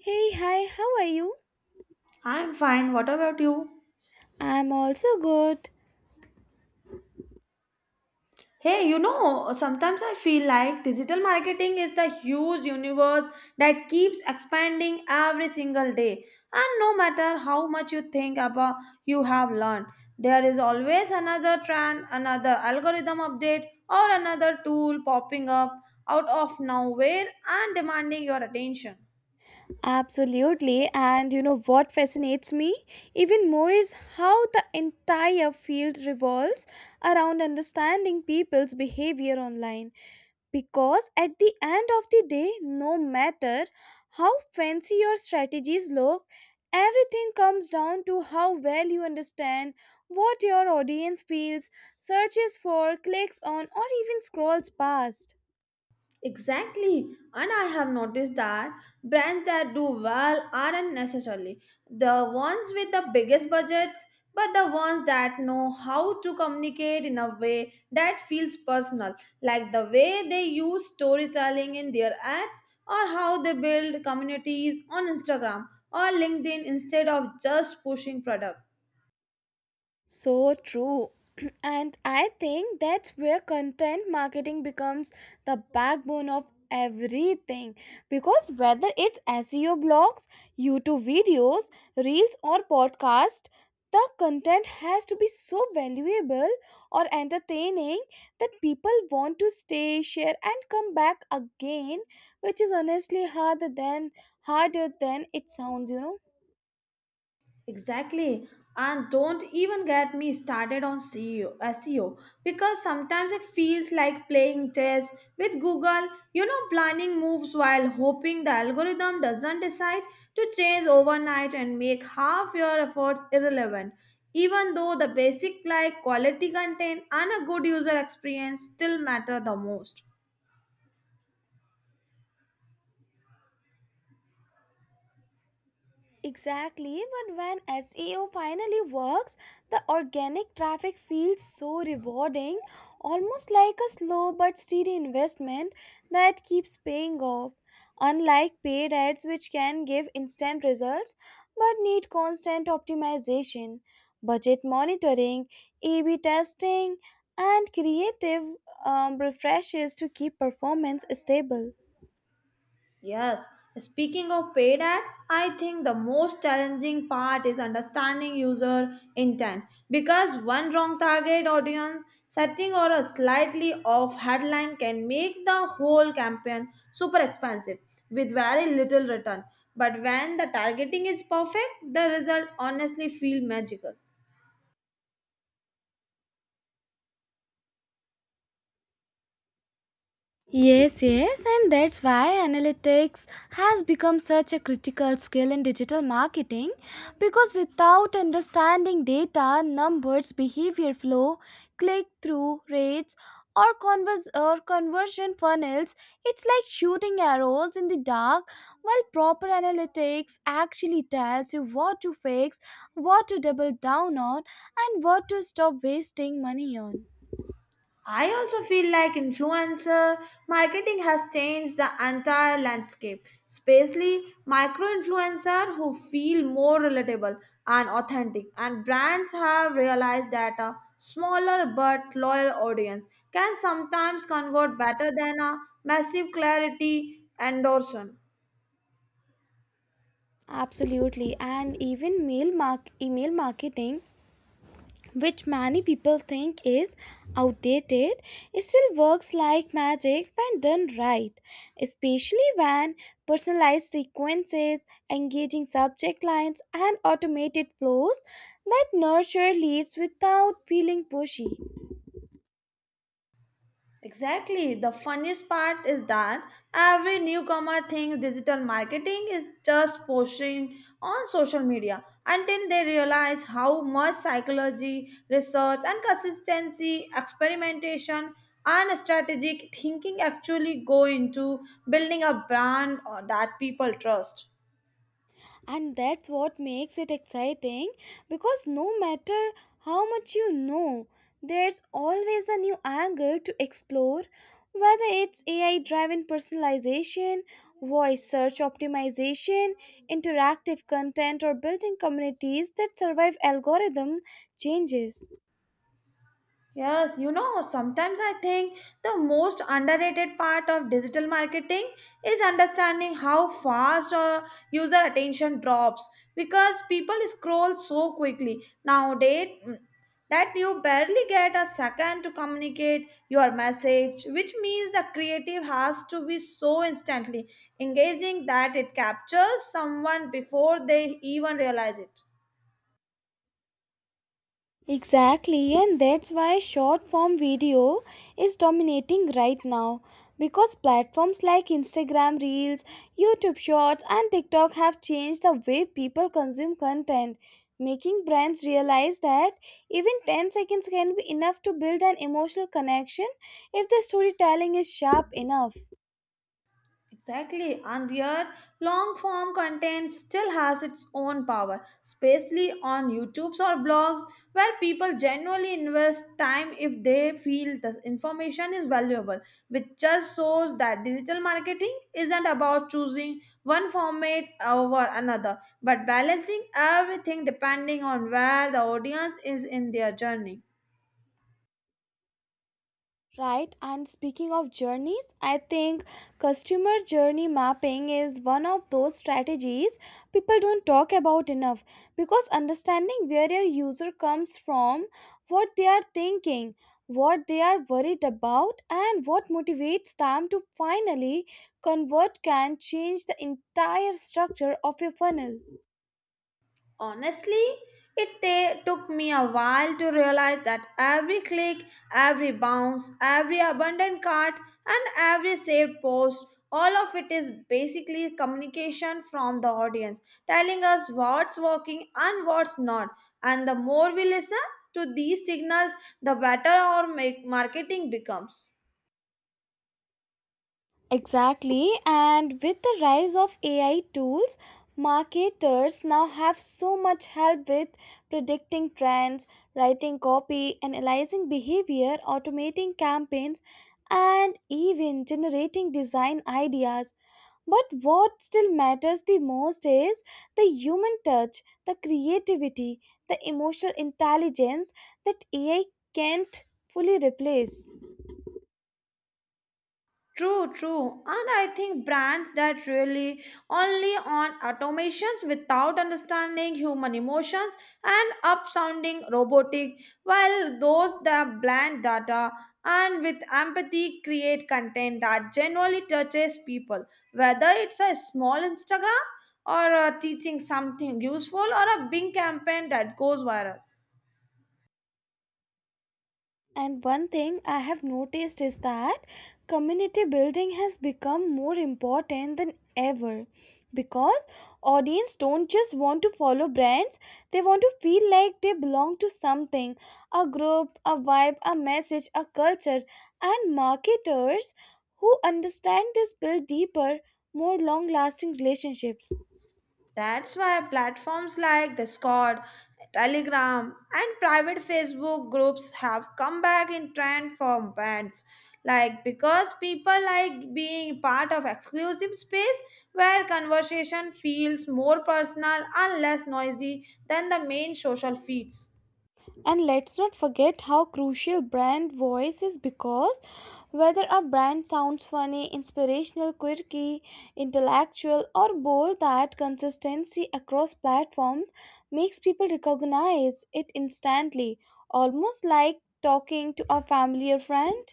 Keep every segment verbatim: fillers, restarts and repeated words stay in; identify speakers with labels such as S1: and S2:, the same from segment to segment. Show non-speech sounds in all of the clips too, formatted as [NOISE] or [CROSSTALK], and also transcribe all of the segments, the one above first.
S1: Hey, hi, how are you?
S2: I'm fine. What about you?
S1: I'm also good.
S2: Hey, you know, sometimes I feel like digital marketing is the huge universe that keeps expanding every single day. And no matter how much you think about you have learned, there is always another trend, another algorithm update, or another tool popping up out of nowhere and demanding your attention.
S1: Absolutely. And you know what fascinates me even more is how the entire field revolves around understanding people's behavior online. Because at the end of the day, no matter how fancy your strategies look, everything comes down to how well you understand what your audience feels, searches for, clicks on, or even scrolls past.
S2: Exactly, and I have noticed that brands that do well aren't necessarily the ones with the biggest budgets, but the ones that know how to communicate in a way that feels personal, like the way they use storytelling in their ads or how they build communities on Instagram or LinkedIn instead of just pushing products.
S1: So true. [CLEARS THROAT] And I think that's where content marketing becomes the backbone of everything. Because whether it's S E O blogs, YouTube videos, reels, or podcast, the content has to be so valuable or entertaining that people want to stay, share, and come back again, which is honestly harder than harder than it sounds, you know.
S2: Exactly. And don't even get me started on C E O, because sometimes it feels like playing chess with Google, you know, planning moves while hoping the algorithm doesn't decide to change overnight and make half your efforts irrelevant. Even though the basic like quality content and a good user experience still matter the most.
S1: Exactly, but when S E O finally works, the organic traffic feels so rewarding, almost like a slow but steady investment that keeps paying off. Unlike paid ads, which can give instant results but need constant optimization, budget monitoring, A B testing, and creative um, refreshes to keep performance stable.
S2: Yes, speaking of paid ads, I think the most challenging part is understanding user intent because one wrong target audience setting or a slightly off headline can make the whole campaign super expensive with very little return. But when the targeting is perfect, the result honestly feel magical.
S1: Yes, yes, and that's why analytics has become such a critical skill in digital marketing because without understanding data, numbers, behavior flow, click through rates, or, convers- or conversion funnels, it's like shooting arrows in the dark while proper analytics actually tells you what to fix, what to double down on, and what to stop wasting money on.
S2: I also feel like influencer marketing has changed the entire landscape, especially micro influencers who feel more relatable and authentic. And brands have realized that a smaller but loyal audience can sometimes convert better than a massive clarity endorsement.
S1: Absolutely. And even mail mark email marketing, which many people think is outdated, it still works like magic when done right, especially when personalized sequences, engaging subject lines, and automated flows that nurture leads without feeling pushy.
S2: Exactly. The funniest part is that every newcomer thinks digital marketing is just posting on social media until they realize how much psychology, research, and consistency, experimentation, and strategic thinking actually go into building a brand uh, that people trust.
S1: And that's what makes it exciting because no matter how much you know, there's always a new angle to explore, whether it's A I driven personalization, voice search optimization, interactive content, or building communities that survive algorithm changes.
S2: Yes, you know, sometimes I think the most underrated part of digital marketing is understanding how fast our user attention drops because people scroll so quickly nowadays mm, that you barely get a second to communicate your message, which means the creative has to be so instantly engaging that it captures someone before they even realize it.
S1: Exactly, and that's why short form video is dominating right now because platforms like Instagram Reels, YouTube Shorts, and TikTok have changed the way people consume content, making brands realize that even ten seconds can be enough to build an emotional connection if the storytelling is sharp enough.
S2: Exactly, and yet long form content still has its own power, especially on YouTube's or blogs where people genuinely invest time if they feel the information is valuable, which just shows that digital marketing isn't about choosing one format over another, but balancing everything depending on where the audience is in their journey.
S1: Right, and speaking of journeys, I think customer journey mapping is one of those strategies people don't talk about enough because understanding where your user comes from, what they are thinking, what they are worried about, and what motivates them to finally convert can change the entire structure of your funnel.
S2: Honestly, it ta- took me a while to realize that every click, every bounce, every abandoned cart, and every saved post, all of it is basically communication from the audience, telling us what's working and what's not. And the more we listen to these signals, the better our ma- marketing becomes.
S1: Exactly, and with the rise of A I tools, marketers now have so much help with predicting trends, writing copy, analyzing behavior, automating campaigns, and even generating design ideas. But what still matters the most is the human touch, the creativity, the emotional intelligence that A I can't fully replace.
S2: True, true. And I think brands that really only on automations without understanding human emotions and up sounding robotic, while those that blend data and with empathy create content that genuinely touches people, whether it's a small Instagram or uh, teaching something useful or a big campaign that goes viral.
S1: And one thing I have noticed is that community building has become more important than ever because audience don't just want to follow brands, they want to feel like they belong to something, a group, a vibe, a message, a culture, and marketers who understand this build deeper, more long lasting relationships.
S2: That's why platforms like Discord, Telegram, and private Facebook groups have come back in trend for bands. Like, because people like being part of exclusive space where conversation feels more personal and less noisy than the main social feeds.
S1: And let's not forget how crucial brand voice is, because whether a brand sounds funny, inspirational, quirky, intellectual, or bold, that consistency across platforms makes people recognize it instantly, almost like talking to a family or friend.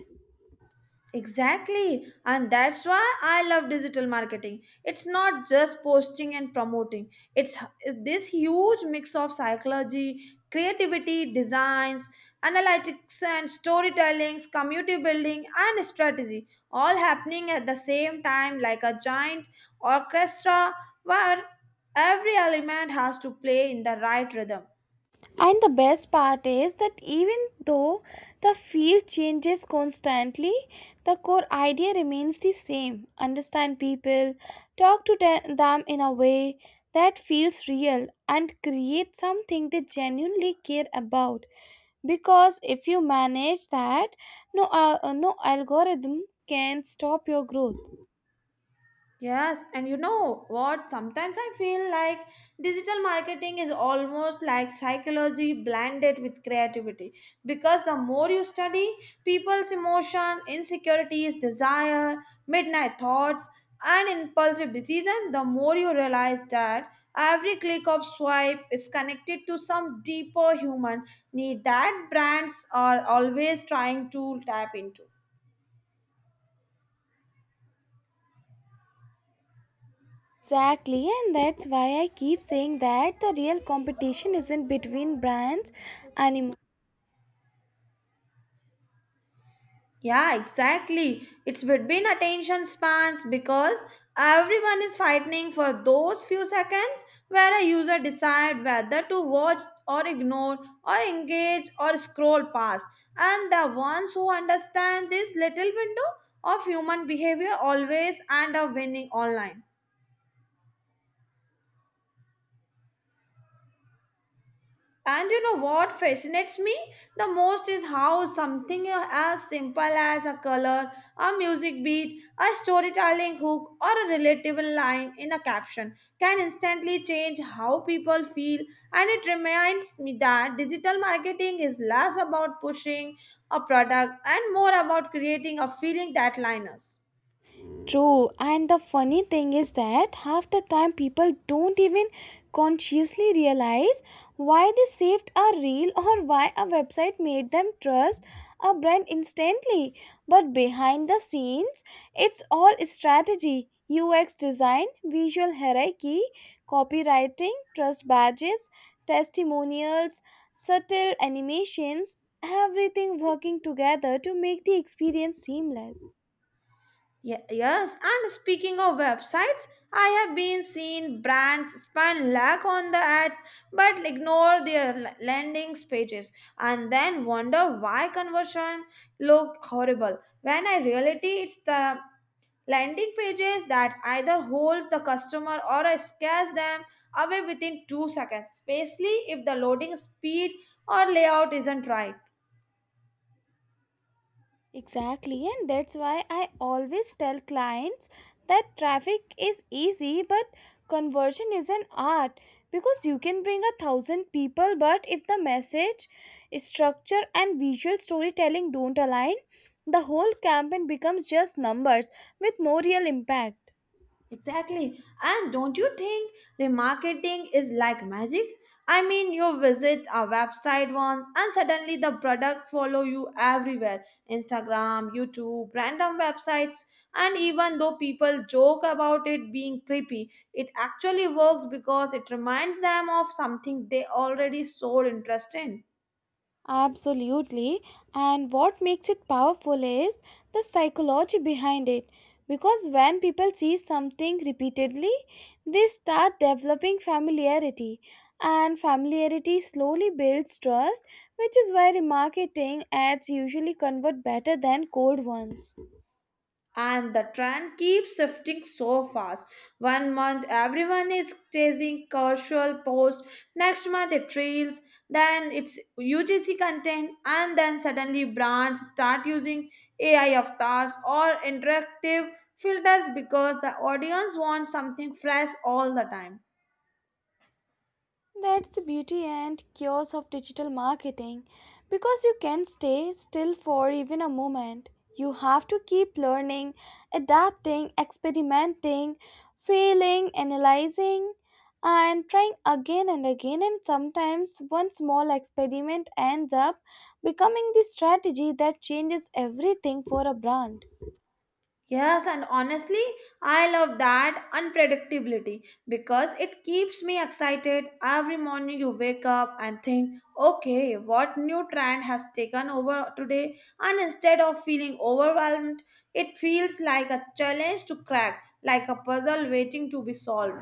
S2: Exactly. And that's why I love digital marketing. It's not just posting and promoting, it's it's this huge mix of psychology, creativity, designs, analytics, and storytelling, community building, and strategy all happening at the same time, like a giant orchestra where every element has to play in the right rhythm.
S1: And the best part is that even though the field changes constantly, the core idea remains the same. Understand people, talk to the- them in a way that feels real, and create something they genuinely care about. Because if you manage that, no, uh, uh, no algorithm can stop your growth.
S2: Yes, and you know what? Sometimes I feel like digital marketing is almost like psychology blended with creativity because the more you study people's emotion, insecurities, desire, midnight thoughts, and impulsive decision, the more you realize that every click of swipe is connected to some deeper human need that brands are always trying to tap into.
S1: Exactly, and that's why I keep saying that the real competition isn't between brands anymore.
S2: Yeah, exactly. It's between attention spans because everyone is fighting for those few seconds where a user decide whether to watch or ignore or engage or scroll past. And the ones who understand this little window of human behavior always end up winning online. And you know what fascinates me the most is how something as simple as a color, a music beat, a storytelling hook, or a relatable line in a caption can instantly change how people feel. And it reminds me that digital marketing is less about pushing a product and more about creating a feeling that liners.
S1: True, and the funny thing is that half the time people don't even consciously realize why they saved a reel or why a website made them trust a brand instantly. But behind the scenes, it's all strategy, U X design, visual hierarchy, copywriting, trust badges, testimonials, subtle animations, everything working together to make the experience seamless.
S2: Ye- Yes, and speaking of websites, I have been seen brands spend lakh on the ads but ignore their l- landings pages and then wonder why conversion look horrible when in reality it's the landing pages that either holds the customer or scares them away within 2 seconds, especially if the loading speed or layout isn't right.
S1: Exactly, and that's why I always tell clients that traffic is easy, but conversion is an art, because you can bring a thousand people, but if the message, structure, and visual storytelling don't align, the whole campaign becomes just numbers with no real impact.
S2: Exactly. And don't you think remarketing is like magic? I mean, you visit a website once and suddenly the product follow you everywhere. Instagram, YouTube, random websites. And even though people joke about it being creepy, it actually works because it reminds them of something they already so interested in.
S1: Absolutely. And what makes it powerful is the psychology behind it. Because when people see something repeatedly, they start developing familiarity. And familiarity slowly builds trust, which is why remarketing ads usually convert better than cold ones.
S2: And the trend keeps shifting so fast. One month everyone is chasing casual post, next month it trails, then it's U G C content, and then suddenly brands start using A I of tasks or interactive filters because the audience wants something fresh all the time.
S1: That's the beauty and chaos of digital marketing, because you can't stay still for even a moment. You have to keep learning, adapting, experimenting, failing, analyzing, and trying again and again. And sometimes one small experiment ends up becoming the strategy that changes everything for a brand.
S2: Yes, and honestly, I love that unpredictability because it keeps me excited. Every morning you wake up and think, okay, what new trend has taken over today? And instead of feeling overwhelmed, it feels like a challenge to crack, like a puzzle waiting to be solved.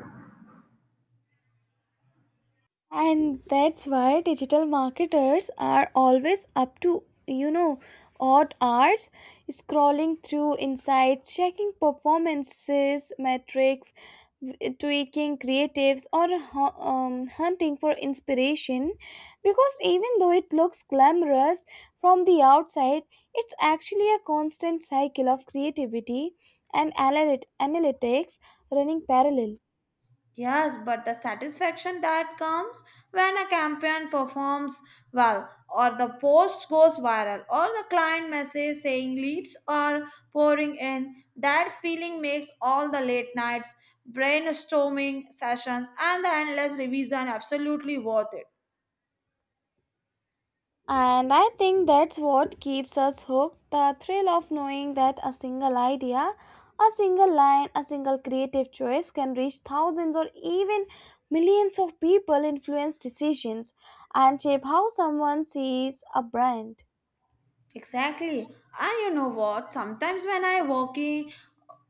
S1: And that's why digital marketers are always up to, you know, odd hours scrolling through insights, checking performances metrics, w- tweaking creatives, or hu- um, hunting for inspiration, because even though it looks glamorous from the outside, it's actually a constant cycle of creativity and analyt- analytics running parallel.
S2: Yes, but the satisfaction that comes when a campaign performs well, or the post goes viral, or the client message saying leads are pouring in, that feeling makes all the late nights, brainstorming sessions, and the endless revision absolutely worth it.
S1: And I think that's what keeps us hooked, the thrill of knowing that a single idea, a single line, a single creative choice can reach thousands or even millions of people, influence decisions, and shape how someone sees a brand.
S2: Exactly. And you know what? Sometimes when I walking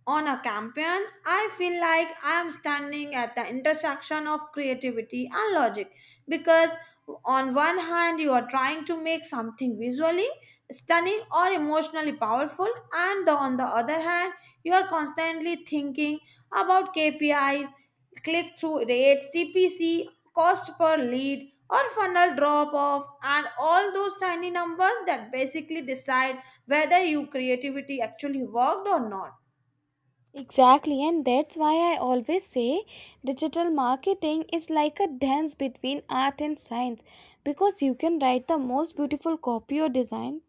S2: on a campaign, I feel like I'm standing at the intersection of creativity and logic because on one hand you are trying to make something visually stunning or emotionally powerful and the- on the other hand you are constantly thinking about K P Is click through rate, C P C, cost per lead, or funnel drop off, and all those tiny numbers that basically decide whether your creativity actually worked or not.
S1: Exactly, and that's why I always say digital marketing is like a dance between art and science, because you can write the most beautiful copy or design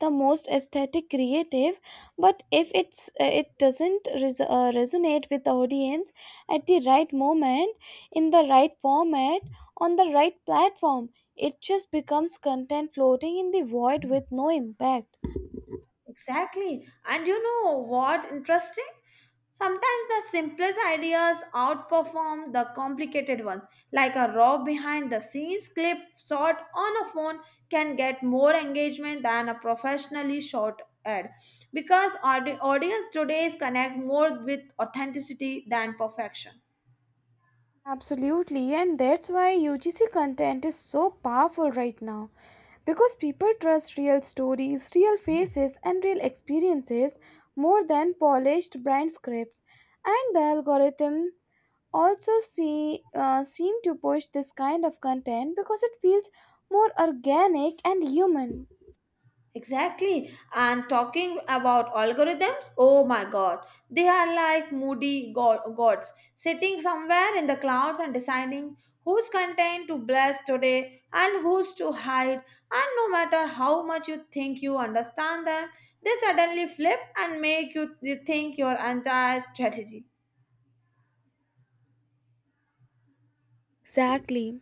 S1: the most aesthetic creative, but if it's uh, it doesn't res- uh, resonate with the audience at the right moment, in the right format, on the right platform, it just becomes content floating in the void with no impact.
S2: Exactly. And you know what interesting? Sometimes the simplest ideas outperform the complicated ones. Like a raw behind the scenes clip shot on a phone can get more engagement than a professionally shot ad because audi- audience today is connect more with authenticity than perfection.
S1: Absolutely, and that's why U G C content is so powerful right now because people trust real stories, real faces, and real experiences more than polished brand scripts. And the algorithm also see uh, seem to push this kind of content because it feels more organic and human.
S2: Exactly. And talking about algorithms, oh my god, they are like moody go- gods sitting somewhere in the clouds and deciding whose content to bless today and whose to hide. And no matter how much you think you understand them, they suddenly flip and make you you think your entire strategy.
S1: Exactly,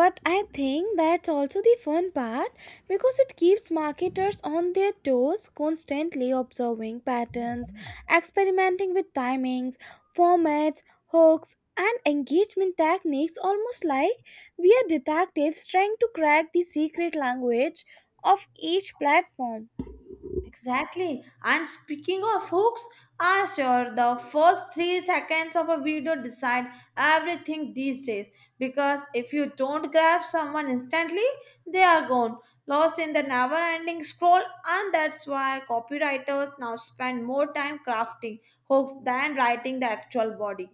S1: but I think that's also the fun part, because it keeps marketers on their toes constantly observing patterns, experimenting with timings, formats, hooks, and engagement techniques, almost like we are detectives trying to crack the secret language of each platform.
S2: Exactly. And speaking of hooks, ah sure, the first three seconds of a video decide everything these days. Because if you don't grab someone instantly, they are gone, lost in the never-ending scroll, and that's why copywriters now spend more time crafting hooks than writing the actual body.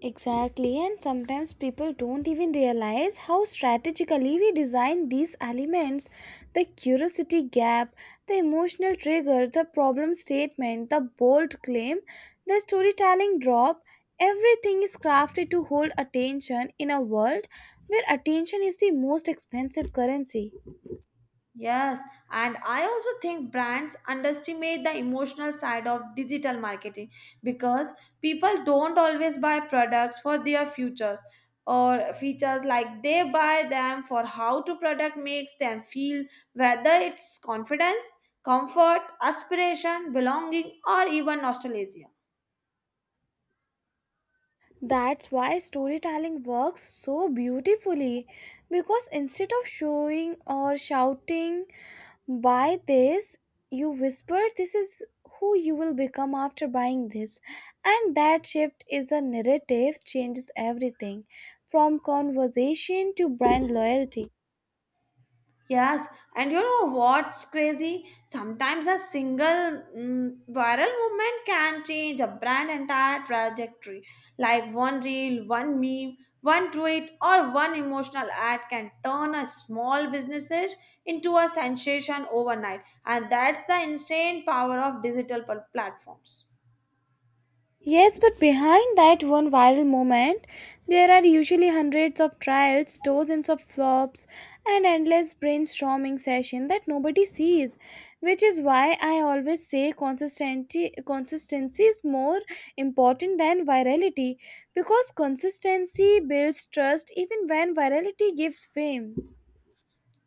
S1: Exactly, and sometimes people don't even realize how strategically we design these elements, the curiosity gap, the emotional trigger, the problem statement, the bold claim, the storytelling drop. Everything is crafted to hold attention in a world where attention is the most expensive currency.
S2: Yes, and I also think brands underestimate the emotional side of digital marketing because people don't always buy products for their futures or features like they buy them for how to product makes them feel whether it's confidence, comfort, aspiration, belonging or even nostalgia.
S1: That's why storytelling works so beautifully, because instead of showing or shouting, buy this, you whisper, this is who you will become after buying this. And that shift is the narrative, changes everything from conversation to brand loyalty.
S2: Yes, and you know what's crazy? Sometimes a single mm, viral movement can change a brand entire trajectory. Like one reel, one meme, one tweet, or one emotional ad can turn a small businesses into a sensation overnight. And that's the insane power of digital pl- platforms.
S1: Yes, but behind that one viral moment, there are usually hundreds of trials, dozens of flops, and endless brainstorming session that nobody sees, which is why I always say consistency consistency is more important than virality, because consistency builds trust even when virality gives fame.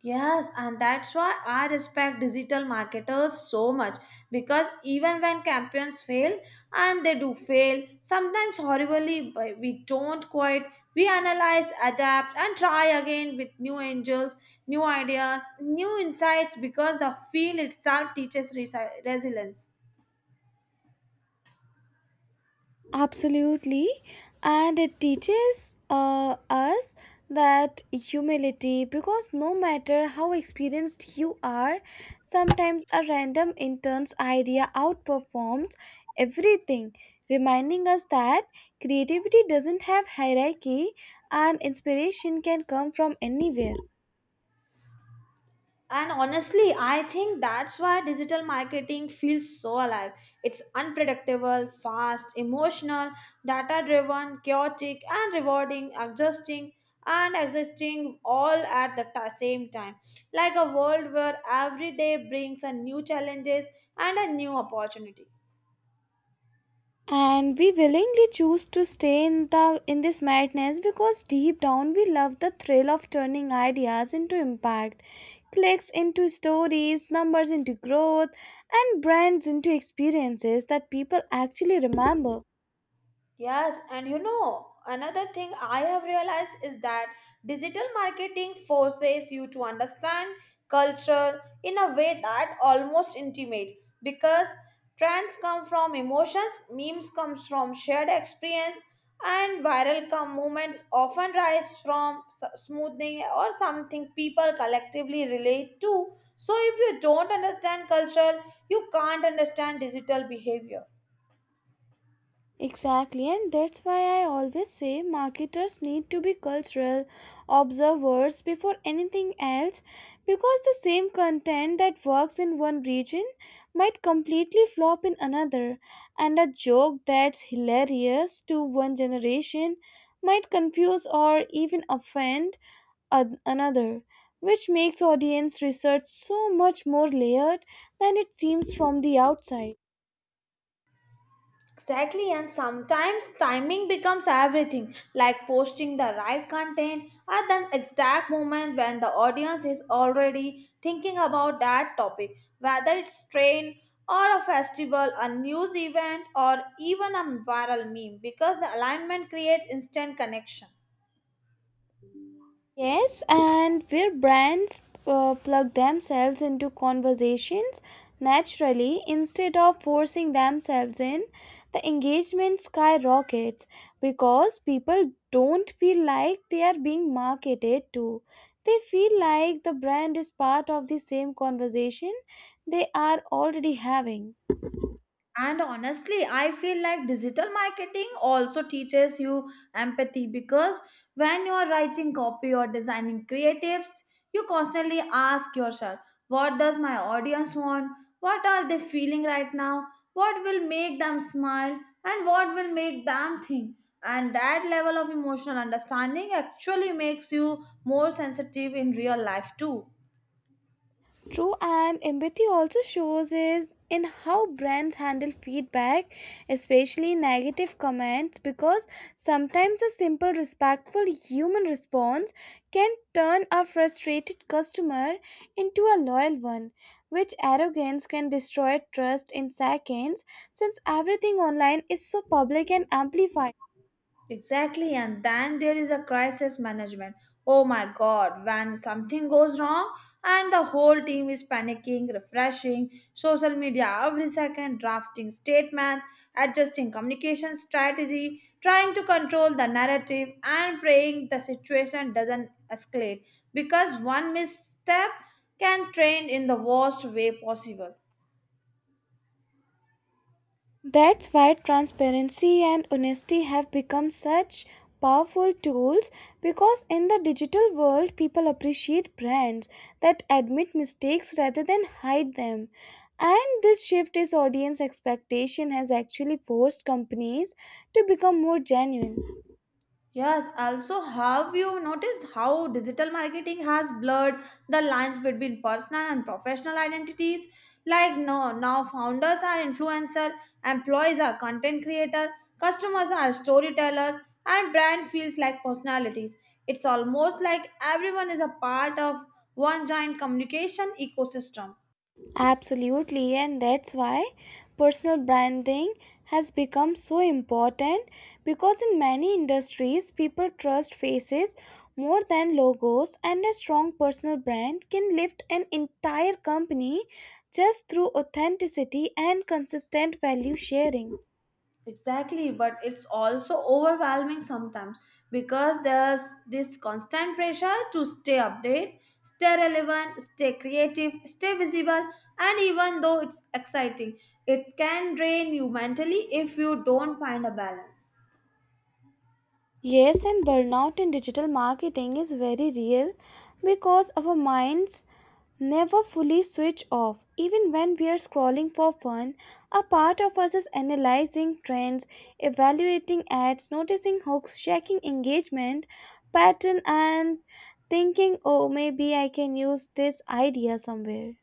S2: Yes, and that's why I respect digital marketers so much because even when campaigns fail, and they do fail, sometimes horribly, but we don't quit. We analyze, adapt, and try again with new angels, new ideas, new insights because the field itself teaches resi- resilience.
S1: Absolutely. And it teaches uh, us that humility, because no matter how experienced you are, sometimes a random intern's idea outperforms everything, reminding us that creativity doesn't have hierarchy and inspiration can come from anywhere.
S2: And honestly, I think that's why digital marketing feels so alive. It's unpredictable, fast, emotional, data driven, chaotic, and rewarding, adjusting and existing all at the ta- same time, like a world where every day brings a new challenges and a new opportunity.
S1: And we willingly choose to stay in the in this madness because deep down we love the thrill of turning ideas into impact, clicks into stories, numbers into growth, and brands into experiences that people actually remember.
S2: Yes, and you know, another thing I have realized is that digital marketing forces you to understand culture in a way that almost intimate because trends come from emotions, memes comes from shared experience, and viral come movements often rise from s- smoothing or something people collectively relate to. So if you don't understand culture, you can't understand digital behavior.
S1: Exactly, and that's why I always say marketers need to be cultural observers before anything else, because the same content that works in one region might completely flop in another, and a joke that's hilarious to one generation might confuse or even offend an- another, which makes audience research so much more layered than it seems from the outside.
S2: Exactly, and sometimes timing becomes everything, like posting the right content at the exact moment when the audience is already thinking about that topic, whether it's train or a festival, a news event, or even a viral meme, because the alignment creates instant connection.
S1: Yes, and where brands uh, plug themselves into conversations naturally instead of forcing themselves in, the engagement skyrockets because people don't feel like they are being marketed to. They feel like the brand is part of the same conversation they are already having.
S2: And honestly, I feel like digital marketing also teaches you empathy because when you are writing copy or designing creatives, you constantly ask yourself, what does my audience want? What are they feeling right now? What will make them smile? And what will make them think? And that level of emotional understanding actually makes you more sensitive in real life too.
S1: True, and empathy also shows is in how brands handle feedback, especially negative comments, because sometimes a simple, respectful human response can turn a frustrated customer into a loyal one, which arrogance can destroy trust in seconds since everything online is so public and amplified.
S2: Exactly, and then there is a crisis management. Oh my god, when something goes wrong and the whole team is panicking, refreshing social media every second, drafting statements, adjusting communication strategy, trying to control the narrative, and praying the situation doesn't escalate because one misstep can trend in the worst way possible.
S1: That's why transparency and honesty have become such powerful tools, because in the digital world, people appreciate brands that admit mistakes rather than hide them. And this shift in audience expectation has actually forced companies to become more genuine.
S2: Yes, also, have you noticed how digital marketing has blurred the lines between personal and professional identities? Like no, now founders are influencers, employees are content creators, customers are storytellers, and brand feels like personalities. It's almost like everyone is a part of one giant communication ecosystem.
S1: Absolutely, and that's why personal branding has become so important, because in many industries, people trust faces more than logos, and a strong personal brand can lift an entire company just through authenticity and consistent value sharing.
S2: Exactly, but it's also overwhelming sometimes because there's this constant pressure to stay updated, stay relevant, stay creative, stay visible, and even though it's exciting, it can drain you mentally if you don't find a balance.
S1: Yes, and burnout in digital marketing is very real because our minds never fully switch off. Even when we are scrolling for fun, a part of us is analyzing trends, evaluating ads, noticing hooks, checking engagement pattern, and thinking, oh, maybe I can use this idea somewhere.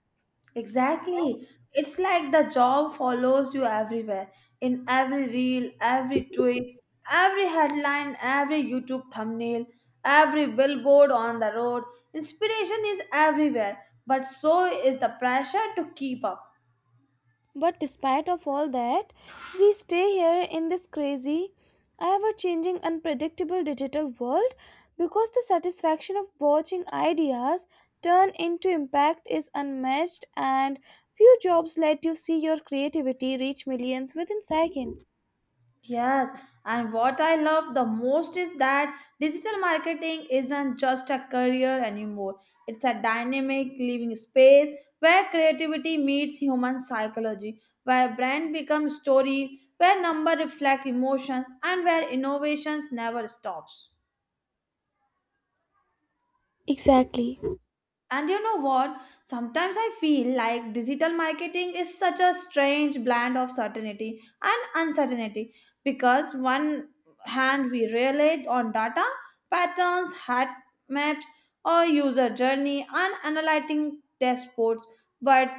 S2: Exactly. It's like the job follows you everywhere in every reel, every tweet, every headline, every YouTube thumbnail, every billboard on the road. Inspiration is everywhere, but so is the pressure to keep up.
S1: But despite of all that, we stay here in this crazy, ever-changing, unpredictable digital world because the satisfaction of watching ideas turn into impact is unmatched, and few jobs let you see your creativity reach millions within seconds.
S2: Yes, and what I love the most is that digital marketing isn't just a career anymore. It's a dynamic living space where creativity meets human psychology, where brand becomes stories, where number reflect emotions, and where innovations never stops.
S1: Exactly.
S2: And you know what? Sometimes I feel like digital marketing is such a strange blend of certainty and uncertainty because one hand we rely on data, patterns, hat maps, or user journey and analyzing dashboards. But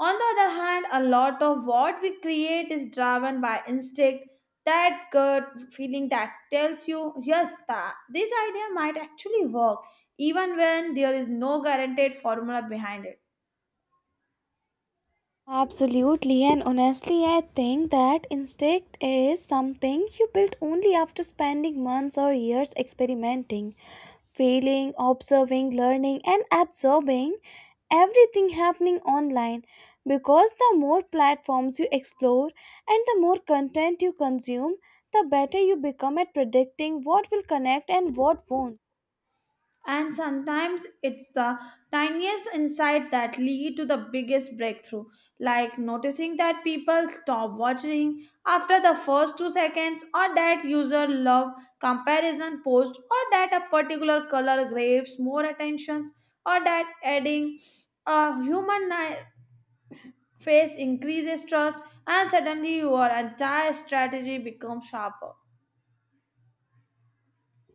S2: on the other hand, a lot of what we create is driven by instinct, that gut feeling that tells you, yes, that this idea might actually work even when there is no guaranteed formula behind it.
S1: Absolutely, and honestly, I think that instinct is something you build only after spending months or years experimenting, feeling, observing, learning, and absorbing everything happening online, because the more platforms you explore and the more content you consume, the better you become at predicting what will connect and what won't.
S2: And sometimes it's the tiniest insight that lead to the biggest breakthrough, like noticing that people stop watching after the first two seconds, or that user love comparison post, or that a particular color grabs more attention, or that adding a human ni- face increases trust, and suddenly your entire strategy becomes sharper.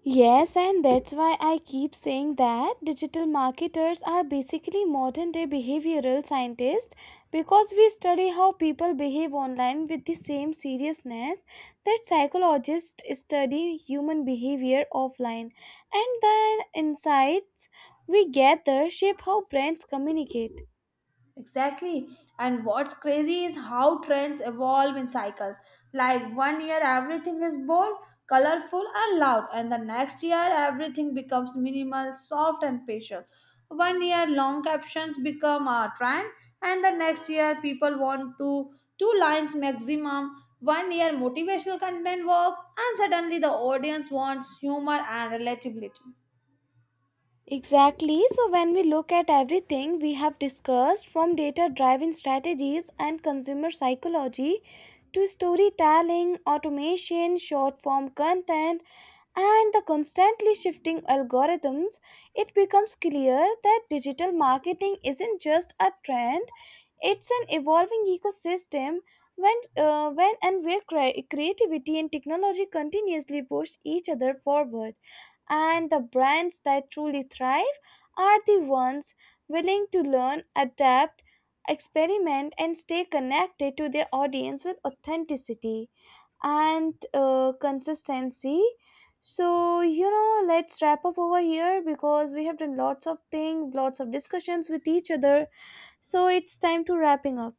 S1: Yes, and that's why I keep saying that digital marketers are basically modern day behavioral scientists, because we study how people behave online with the same seriousness that psychologists study human behavior offline. And the insights we gather shape how brands communicate.
S2: Exactly. And what's crazy is how trends evolve in cycles. Like one year, everything is bold, colorful, and loud, and the next year, everything becomes minimal, soft, and patient. One year, long captions become a trend, and the next year, people want to two lines maximum. One year, motivational content works, and suddenly the audience wants humor and relatability.
S1: Exactly. So, when we look at everything we have discussed, from data driven strategies and consumer psychology to storytelling, automation, short form content, and the constantly shifting algorithms, it becomes clear that digital marketing isn't just a trend, it's an evolving ecosystem when, uh, when and where cre- creativity and technology continuously push each other forward. And the brands that truly thrive are the ones willing to learn, adapt, experiment, and stay connected to their audience with authenticity and uh, consistency. So, you know, let's wrap up over here because we have done lots of things, lots of discussions with each other, so it's time to wrapping up.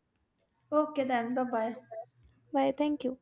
S2: Okay, then, bye bye.
S1: Bye, thank you.